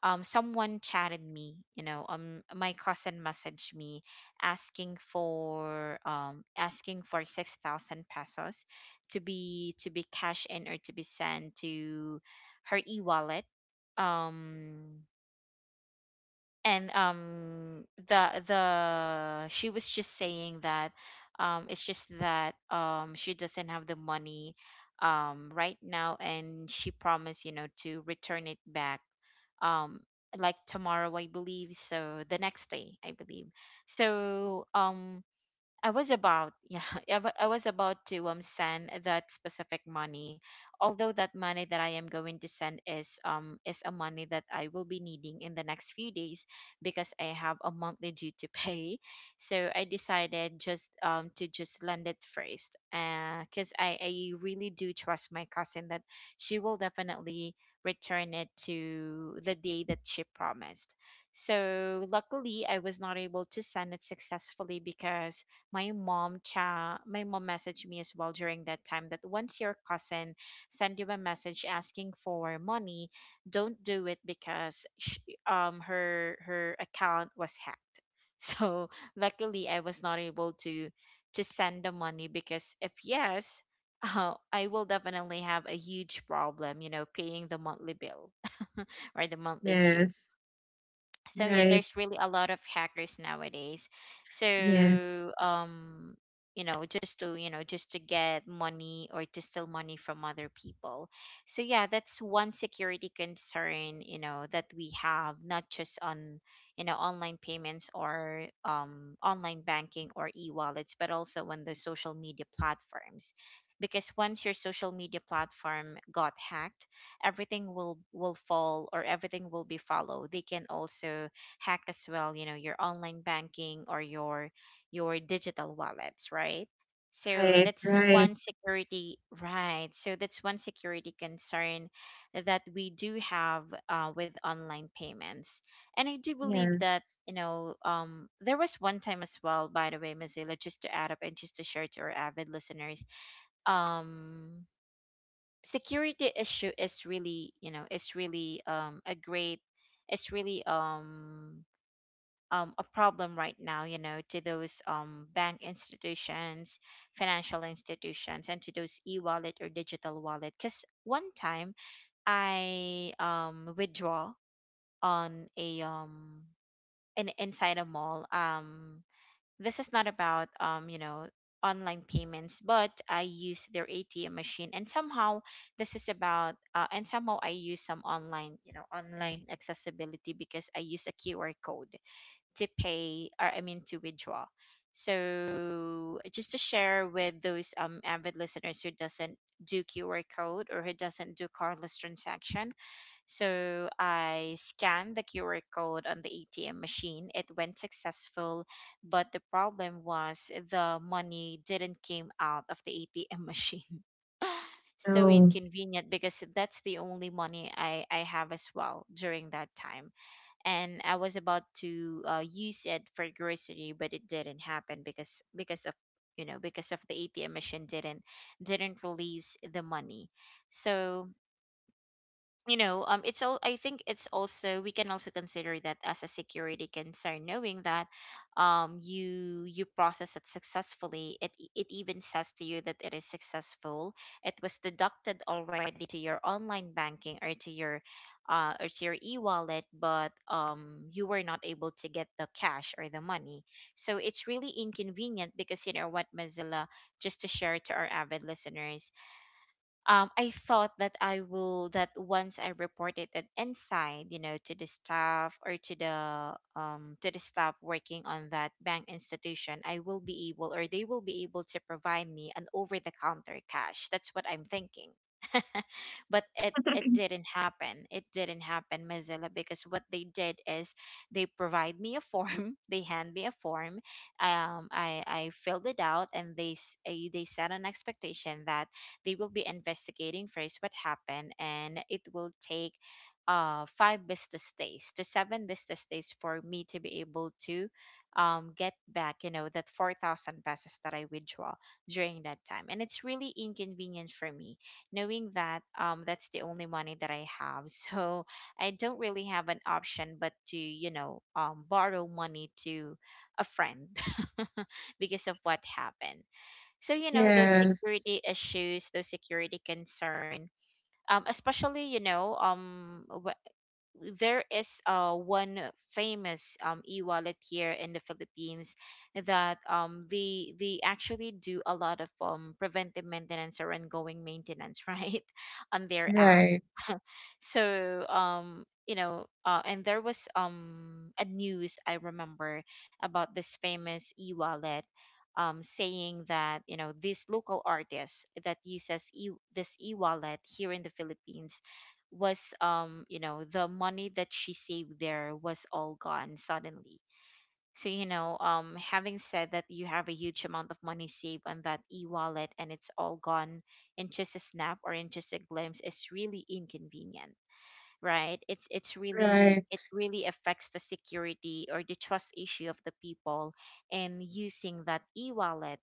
[SPEAKER 1] someone chatted me. You know, my cousin messaged me asking for 6,000 pesos to be cashed in or to be sent to her e wallet. Um and the She was just saying that it's just that she doesn't have the money right now, and she promised, you know, to return it back, um like tomorrow I believe, so the next day I believe. So I was about, yeah, I was about to send that specific money. Although that money that I am going to send is a money that I will be needing in the next few days, because I have a monthly due to pay. So I decided just to just lend it first. Cause I really do trust my cousin that she will definitely return it to the day that she promised. So luckily I was not able to send it successfully because my mom messaged me as well during that time that once your cousin send you a message asking for money, don't do it because sh her her account was hacked. So luckily I was not able to send the money, because if yes, I will definitely have a huge problem, you know, paying the monthly bill or the monthly due.
[SPEAKER 2] Yes.
[SPEAKER 1] So yeah,
[SPEAKER 2] Right.
[SPEAKER 1] there's really a lot of hackers nowadays. So
[SPEAKER 2] Yes.
[SPEAKER 1] you know, just to get money or to steal money from other people. So yeah, that's one security concern, you know, that we have, not just on, you know, online payments or online banking or e-wallets, but also on the social media platforms, because once your social media platform got hacked, everything will fall or everything will be followed. They can also hack as well, you know, your online banking or your digital wallets, right? So
[SPEAKER 2] Right. Right.
[SPEAKER 1] that's one security concern that we do have, with online payments. And I do believe that,
[SPEAKER 2] Yes.
[SPEAKER 1] you know, there was one time as well, by the way, Mozilla, just to add up and just to share to our avid listeners, um security issue is really, you know, is really a great, it's really a problem right now, you know, to those bank institutions, financial institutions, and to those e-wallet or digital wallet. Because one time I withdraw on a inside a mall. Um this is not about you know, online payments, but I use their ATM machine, and somehow, I use some online, you know, online accessibility because I use a QR code to pay, or I mean to withdraw. So just to share with those avid listeners who doesn't do QR code or who doesn't do cardless transaction, so I scanned the QR code on the ATM machine. It went successful, but the problem was the money didn't came out of the ATM machine. So
[SPEAKER 2] No.
[SPEAKER 1] inconvenient, because that's the only money I have as well during that time. And I was about to use it for grocery, but it didn't happen because of, you know, because of the ATM machine didn't release the money. So you know, it's all I think it's also we can also consider that as a security concern, knowing that you process it successfully, it even says to you that it is successful, it was deducted already to your online banking or to your e-wallet, but you were not able to get the cash or the money. So it's really inconvenient, because you know what, Mozilla, just to share to our avid listeners, I thought that I will that once I reported it inside, you know, to the staff or to the staff working on that bank institution, I will be able or they will be able to provide me an over the counter cash. That's what I'm thinking. But it didn't happen. It didn't happen, Mozilla, because what they did is they provide me a form, they hand me a form. I filled it out and they set an expectation that they will be investigating first what happened, and it will take five business days to seven business days for me to be able to get back that 4,000 pesos that I withdraw during that time. And it's really inconvenient for me, knowing that that's the only money that I have. So I don't really have an option but to borrow money to a friend because of what happened. So you know, those
[SPEAKER 2] Yes.
[SPEAKER 1] security issues, those security concern, especially you know wh- there is one famous e-wallet here in the Philippines that they actually do a lot of preventive maintenance or ongoing maintenance, right, on their app.
[SPEAKER 2] Right.
[SPEAKER 1] So and there was a news I remember about this famous e-wallet, saying that you know, this local artist that this e-wallet here in the Philippines was you know, the money that she saved there was all gone suddenly. So you know, having said that you have a huge amount of money saved on that e-wallet and it's all gone in just a snap or in just a glimpse, is really inconvenient. Right, it's really,
[SPEAKER 2] Right.
[SPEAKER 1] it really affects the security or the trust issue of the people in using that e-wallet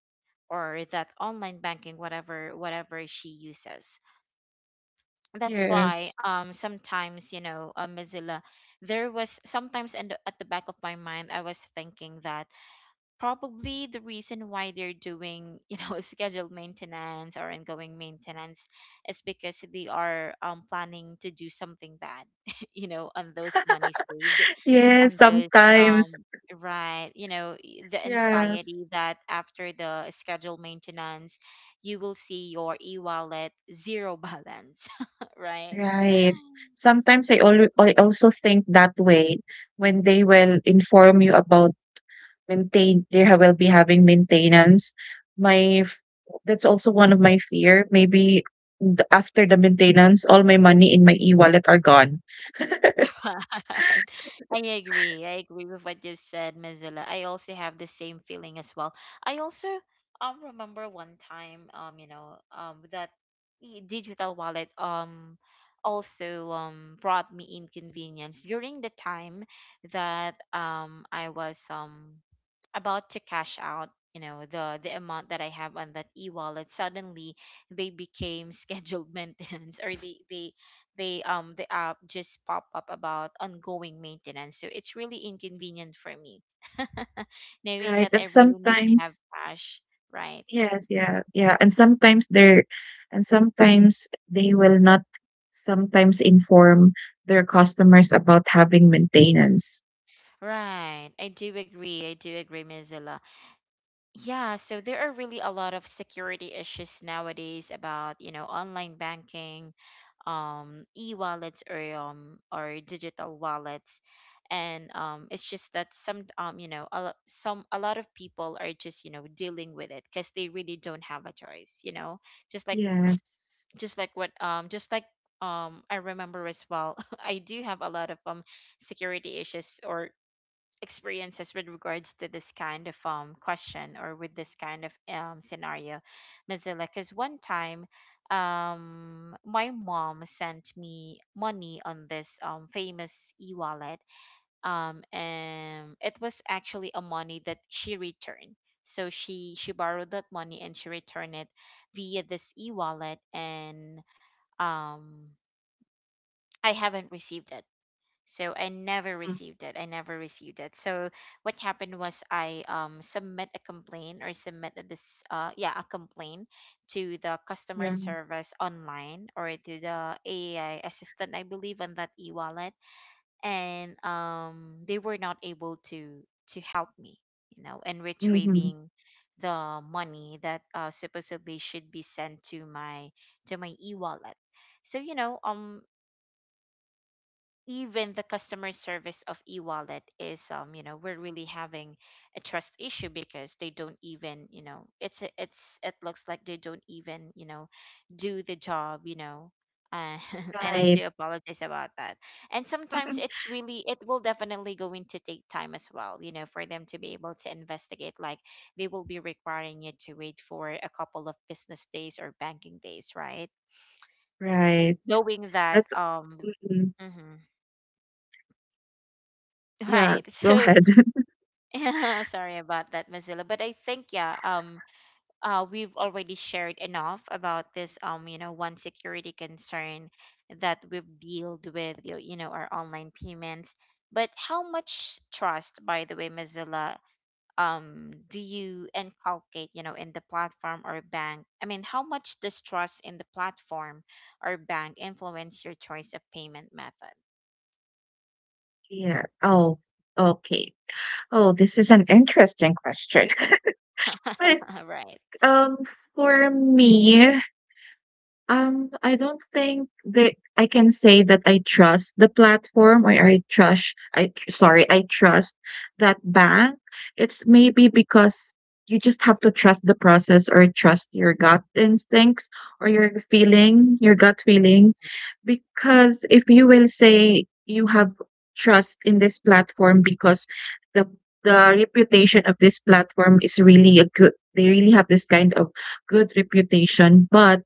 [SPEAKER 1] or that online banking, whatever whatever she uses. That's why
[SPEAKER 2] Yes.
[SPEAKER 1] sometimes you know, Mozilla, there was sometimes in the, at the back of my mind I was thinking that probably the reason why they're doing you know scheduled maintenance or ongoing maintenance is because they are planning to do something bad, you know, on those money saved
[SPEAKER 2] Yes,
[SPEAKER 1] on those
[SPEAKER 2] sometimes.
[SPEAKER 1] um right, the
[SPEAKER 2] Yes,
[SPEAKER 1] anxiety that after the scheduled maintenance, you will see your e-wallet zero balance. Right.
[SPEAKER 2] right. Sometimes I also think that way when they will inform you about maintain they ha will be having maintenance. My f That's also one of my fear. Maybe the after the maintenance, all my money in my e-wallet are gone.
[SPEAKER 1] Right. I agree. I agree with what you've said, Mozilla. I also have the same feeling as well. I also remember one time that digital wallet also brought me inconvenience during the time that I was about to cash out, you know, the amount that I have on that e-wallet. Suddenly they became scheduled maintenance, or the app just pop up about ongoing maintenance. So it's really inconvenient for me, knowing
[SPEAKER 2] Right,
[SPEAKER 1] that
[SPEAKER 2] and
[SPEAKER 1] I really need to have
[SPEAKER 2] sometimes,
[SPEAKER 1] cash. Right,
[SPEAKER 2] yes, yeah, yeah, and sometimes they will not sometimes inform their customers about having maintenance.
[SPEAKER 1] right. I do agree. I do agree, Ms. Zilla. Yeah, so there are really a lot of security issues nowadays about, you know, online banking, e-wallets or digital wallets. And it's just that some you know a, lo- some a lot of people are just, you know, dealing with it because they really don't have a choice, you know. Just like
[SPEAKER 2] Yes.
[SPEAKER 1] just like what just like I remember as well, I do have a lot of security issues or experiences with regards to this kind of question or with this kind of scenario, Mozilla. Because one time, my mom sent me money on this famous e-wallet, and it was actually a money that she returned. So she borrowed that money and she returned it via this e-wallet, and um, I haven't received it. So I never
[SPEAKER 2] Mm,
[SPEAKER 1] received it. I never received it. So what happened was I submit a complaint or submit this a complaint to the customer
[SPEAKER 2] yeah.
[SPEAKER 1] service online, or to the AI assistant I believe, on that e-wallet. And they were not able to help me, you know, in
[SPEAKER 2] Mm-hmm.
[SPEAKER 1] retrieving the money that supposedly should be sent to my e-wallet. So you know, even the customer service of e-wallet is, you know, we're really having a trust issue because they don't even, you know, it's, it looks like they don't even, you know, do the job, you know. uh, and I
[SPEAKER 2] Right.
[SPEAKER 1] do apologize about that. And sometimes it's really, it will definitely going to take time as well, you know, for them to be able to investigate. Like they will be requiring you to wait for a couple of business days or banking days, right?
[SPEAKER 2] Right.
[SPEAKER 1] Knowing that,
[SPEAKER 2] That's mhm.
[SPEAKER 1] mhm,
[SPEAKER 2] yeah,
[SPEAKER 1] right.
[SPEAKER 2] go
[SPEAKER 1] So
[SPEAKER 2] ahead.
[SPEAKER 1] sorry about that, Mozilla. But I think yeah, we've already shared enough about this you know, one security concern that we've dealt with you, you know, our online payments. But how much trust, by the way, Mozilla, do you inculcate you know in the platform or bank? I mean, how much does trust in the platform or bank influence your choice of payment method?
[SPEAKER 2] Yeah. Oh, okay. Oh, this is an interesting question. But
[SPEAKER 1] Right,
[SPEAKER 2] um for me, I don't think that I can say that I trust the platform, or I trust I tr- sorry, I trust that bank. It's maybe because you just have to trust the process, or trust your gut instincts, or your feeling, your gut feeling. Because if you will say you have trust in this platform, because the the reputation of this platform is really a good they really have this kind of good reputation, but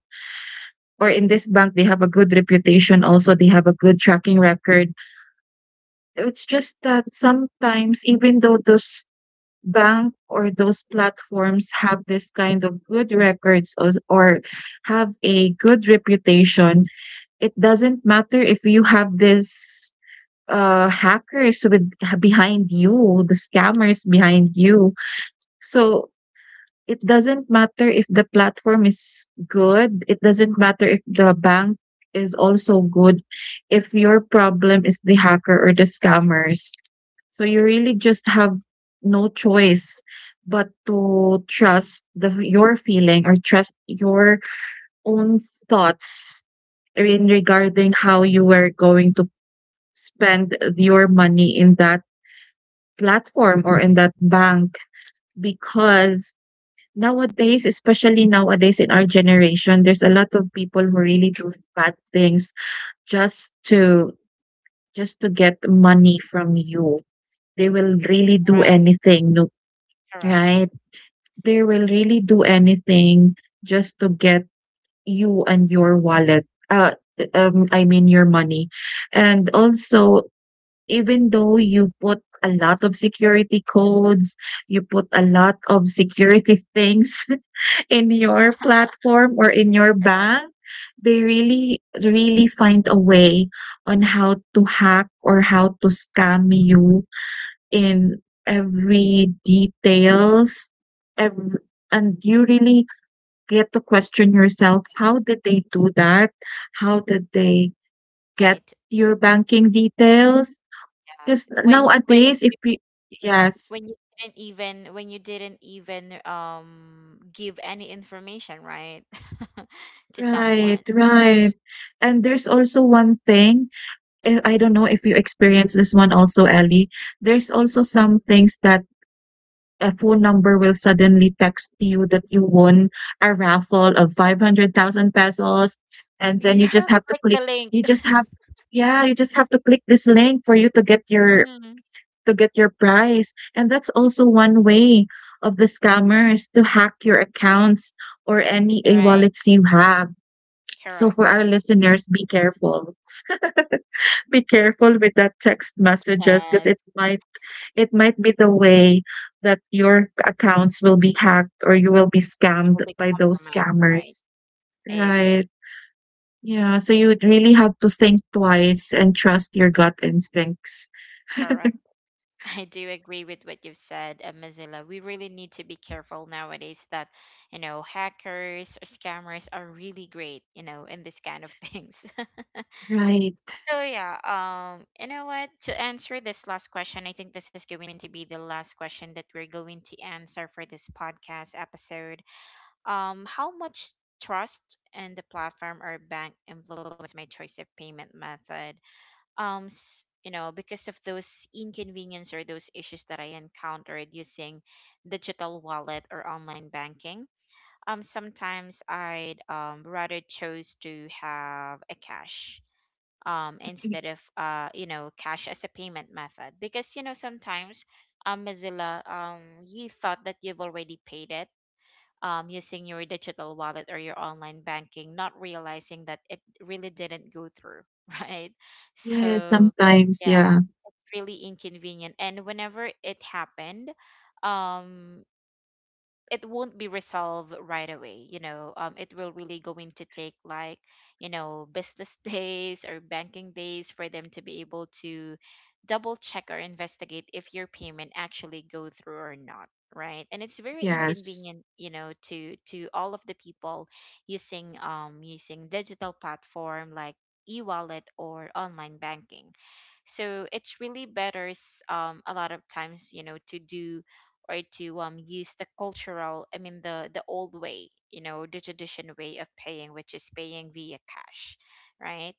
[SPEAKER 2] or in this bank they have a good reputation, also they have a good tracking record. It's just that sometimes, even though those bank or those platforms have this kind of good records, or have a good reputation, it doesn't matter if you have this hackers, with behind you the scammers behind you. So it doesn't matter if the platform is good, it doesn't matter if the bank is also good, if your problem is the hacker or the scammers. So you really just have no choice but to trust the your feeling, or trust your own thoughts in regarding how you were going to spend your money in that platform or in that bank, because nowadays, especially nowadays in our generation, there's a lot of people who really do bad things just to get money from you. They will really do
[SPEAKER 1] right,
[SPEAKER 2] anything, no,
[SPEAKER 1] correct,
[SPEAKER 2] right? They will really do anything just to get you and your wallet. I mean your money. And also, even though you put a lot of security codes, you put a lot of security things in your platform or in your
[SPEAKER 1] right.
[SPEAKER 2] bank, they really, really find a way on how to hack or how to scam you in every details. Every, and you really get to question yourself, how did they do that? How did they get
[SPEAKER 1] Right.
[SPEAKER 2] your banking details?
[SPEAKER 1] Yes.
[SPEAKER 2] Because
[SPEAKER 1] When when
[SPEAKER 2] nowadays, if we, yes,
[SPEAKER 1] when you didn't even, when you didn't even give any information, right? To
[SPEAKER 2] right,
[SPEAKER 1] someone,
[SPEAKER 2] right. And there's also one thing, I don't know if you experience this one also, Ellie. There's also some things that a phone number will suddenly text you that you won a raffle of 500,000 pesos. And then you
[SPEAKER 1] yeah,
[SPEAKER 2] just have to
[SPEAKER 1] click the
[SPEAKER 2] click,
[SPEAKER 1] link.
[SPEAKER 2] you just have, yeah, you just have to click this link for you
[SPEAKER 1] Mhm.
[SPEAKER 2] to get your, prize. And that's also one way of the scammers to hack your accounts or any a wallets
[SPEAKER 1] Right,
[SPEAKER 2] you have. So
[SPEAKER 1] correct.
[SPEAKER 2] for our listeners, be careful. Be careful with that text messages because
[SPEAKER 1] Because
[SPEAKER 2] it might be the way that your accounts will be hacked or you will be
[SPEAKER 1] you will
[SPEAKER 2] scammed
[SPEAKER 1] be
[SPEAKER 2] by those
[SPEAKER 1] compromised, right?
[SPEAKER 2] scammers.
[SPEAKER 1] I agree.
[SPEAKER 2] Right. Yeah, so you would really have to think twice and trust your gut instincts.
[SPEAKER 1] Correct. I do agree with what you've said, Mozilla. We really need to be careful nowadays that, you know, hackers or scammers are really great, you know, in this kind of things.
[SPEAKER 2] Right.
[SPEAKER 1] So yeah, you know what? To answer this last question, I think this is going to be the last question that we're going to answer for this podcast episode. How much trust in the platform or bank influenced my choice of payment method? You know, because of those inconvenience or those issues that I encountered using digital wallet or online banking, sometimes I'd rather chose to have a cash, instead of you know, cash as a payment method, because you know sometimes, Mozilla, you thought that you've already paid it, using your digital wallet or your online banking, not realizing that it really didn't go through. Right.
[SPEAKER 2] Yeah,
[SPEAKER 1] So
[SPEAKER 2] sometimes,
[SPEAKER 1] yeah,
[SPEAKER 2] yeah.
[SPEAKER 1] really inconvenient. And whenever it happened, um it won't be resolved right away, you know. It will really going to take like, you know, business days or banking days for them to be able to double check or investigate if your payment actually go through or not, right? And it's very
[SPEAKER 2] Yes.
[SPEAKER 1] inconvenient, you know, to all of the people using using digital platform like e-wallet or online banking. So it's really better, a lot of times, you know, to do or to use the cultural, I mean the old way, you know, the tradition way of paying, which is paying via cash, right?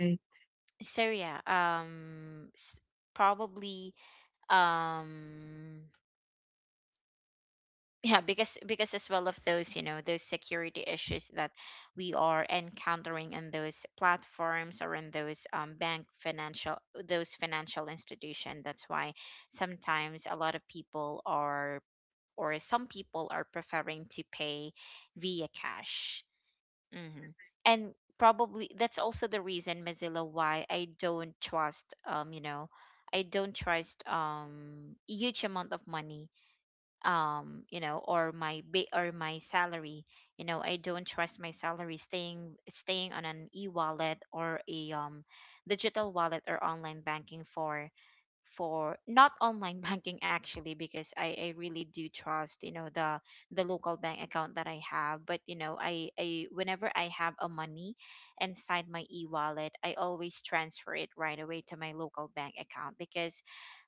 [SPEAKER 2] Right.
[SPEAKER 1] So yeah, probably um yeah, because as well of those, you know, those security issues that we are encountering in those platforms or in those, bank financial, those financial institution. That's why sometimes a lot of people are, or some people are preferring to pay via cash. Hmm. And probably that's also the reason, Mozilla, why I don't trust, you know, I don't trust huge amount of money, you know, or or my salary. You know, I don't trust my salary staying on an e-wallet or a digital wallet or online banking for not online banking actually, because I really do trust, you know, the local bank account that I have. But you know, I whenever I have a money inside my e-wallet, I always transfer it right away to my local bank account because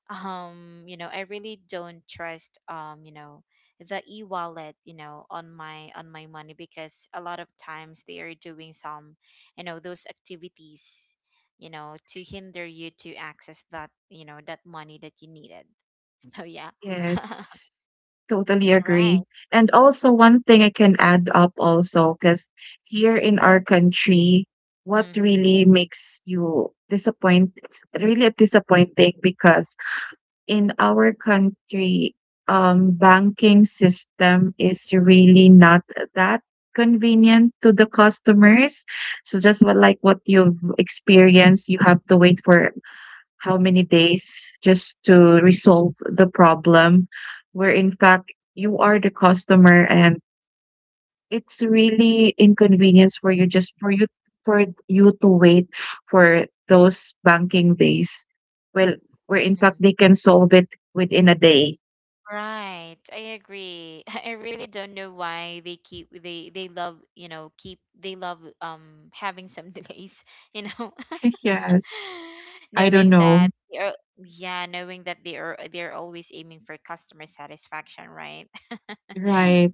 [SPEAKER 1] you know, I really don't trust, you know, the e-wallet, you know, on my money, because a lot of times they are doing some, you know, those activities, you know, to hinder you to access that, you know, that money that you needed. So yeah.
[SPEAKER 2] Yes. Totally agree.
[SPEAKER 1] Right.
[SPEAKER 2] And also one thing I can add up also, because here in our country, what
[SPEAKER 1] Mm-hmm.
[SPEAKER 2] really makes you disappoint, it's really disappointing, because in our country, banking system is really not that convenient to the customers. So just what, like what you've experienced, you have to wait for how many days just to resolve the problem, where in fact you are the customer and it's really inconvenience for you, just for you to wait for those banking days. Well, where in fact
[SPEAKER 1] Mm-hmm.
[SPEAKER 2] they can solve it within a day.
[SPEAKER 1] Right, I agree. I really don't know why they love, you know, keep they love having some delays, you know.
[SPEAKER 2] Yes. I don't
[SPEAKER 1] Knowing
[SPEAKER 2] know.
[SPEAKER 1] that they are, yeah, knowing that they're always aiming for customer satisfaction, right?
[SPEAKER 2] Right.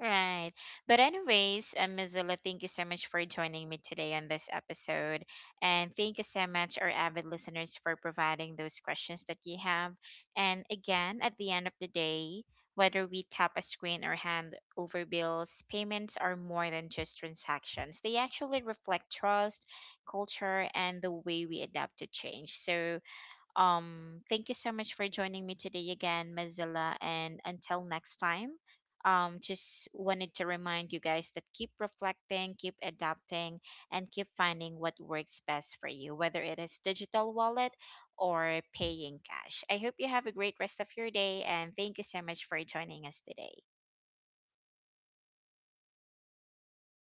[SPEAKER 1] Right. But anyways, Mozilla, thank you so much for joining me today on this episode, and thank you so much our avid listeners for providing those questions that you have. And again, at the end of the day, whether we tap a screen or hand over bills, payments are more than just transactions. They actually reflect trust, culture, and the way we adapt to change. So, thank you so much for joining me today again, Mozilla. And until next time, just wanted to remind you guys that keep reflecting, keep adapting, and keep finding what works best for you, whether it is digital wallet or paying cash. I hope you have a great rest of your day, and thank you so much for joining us today.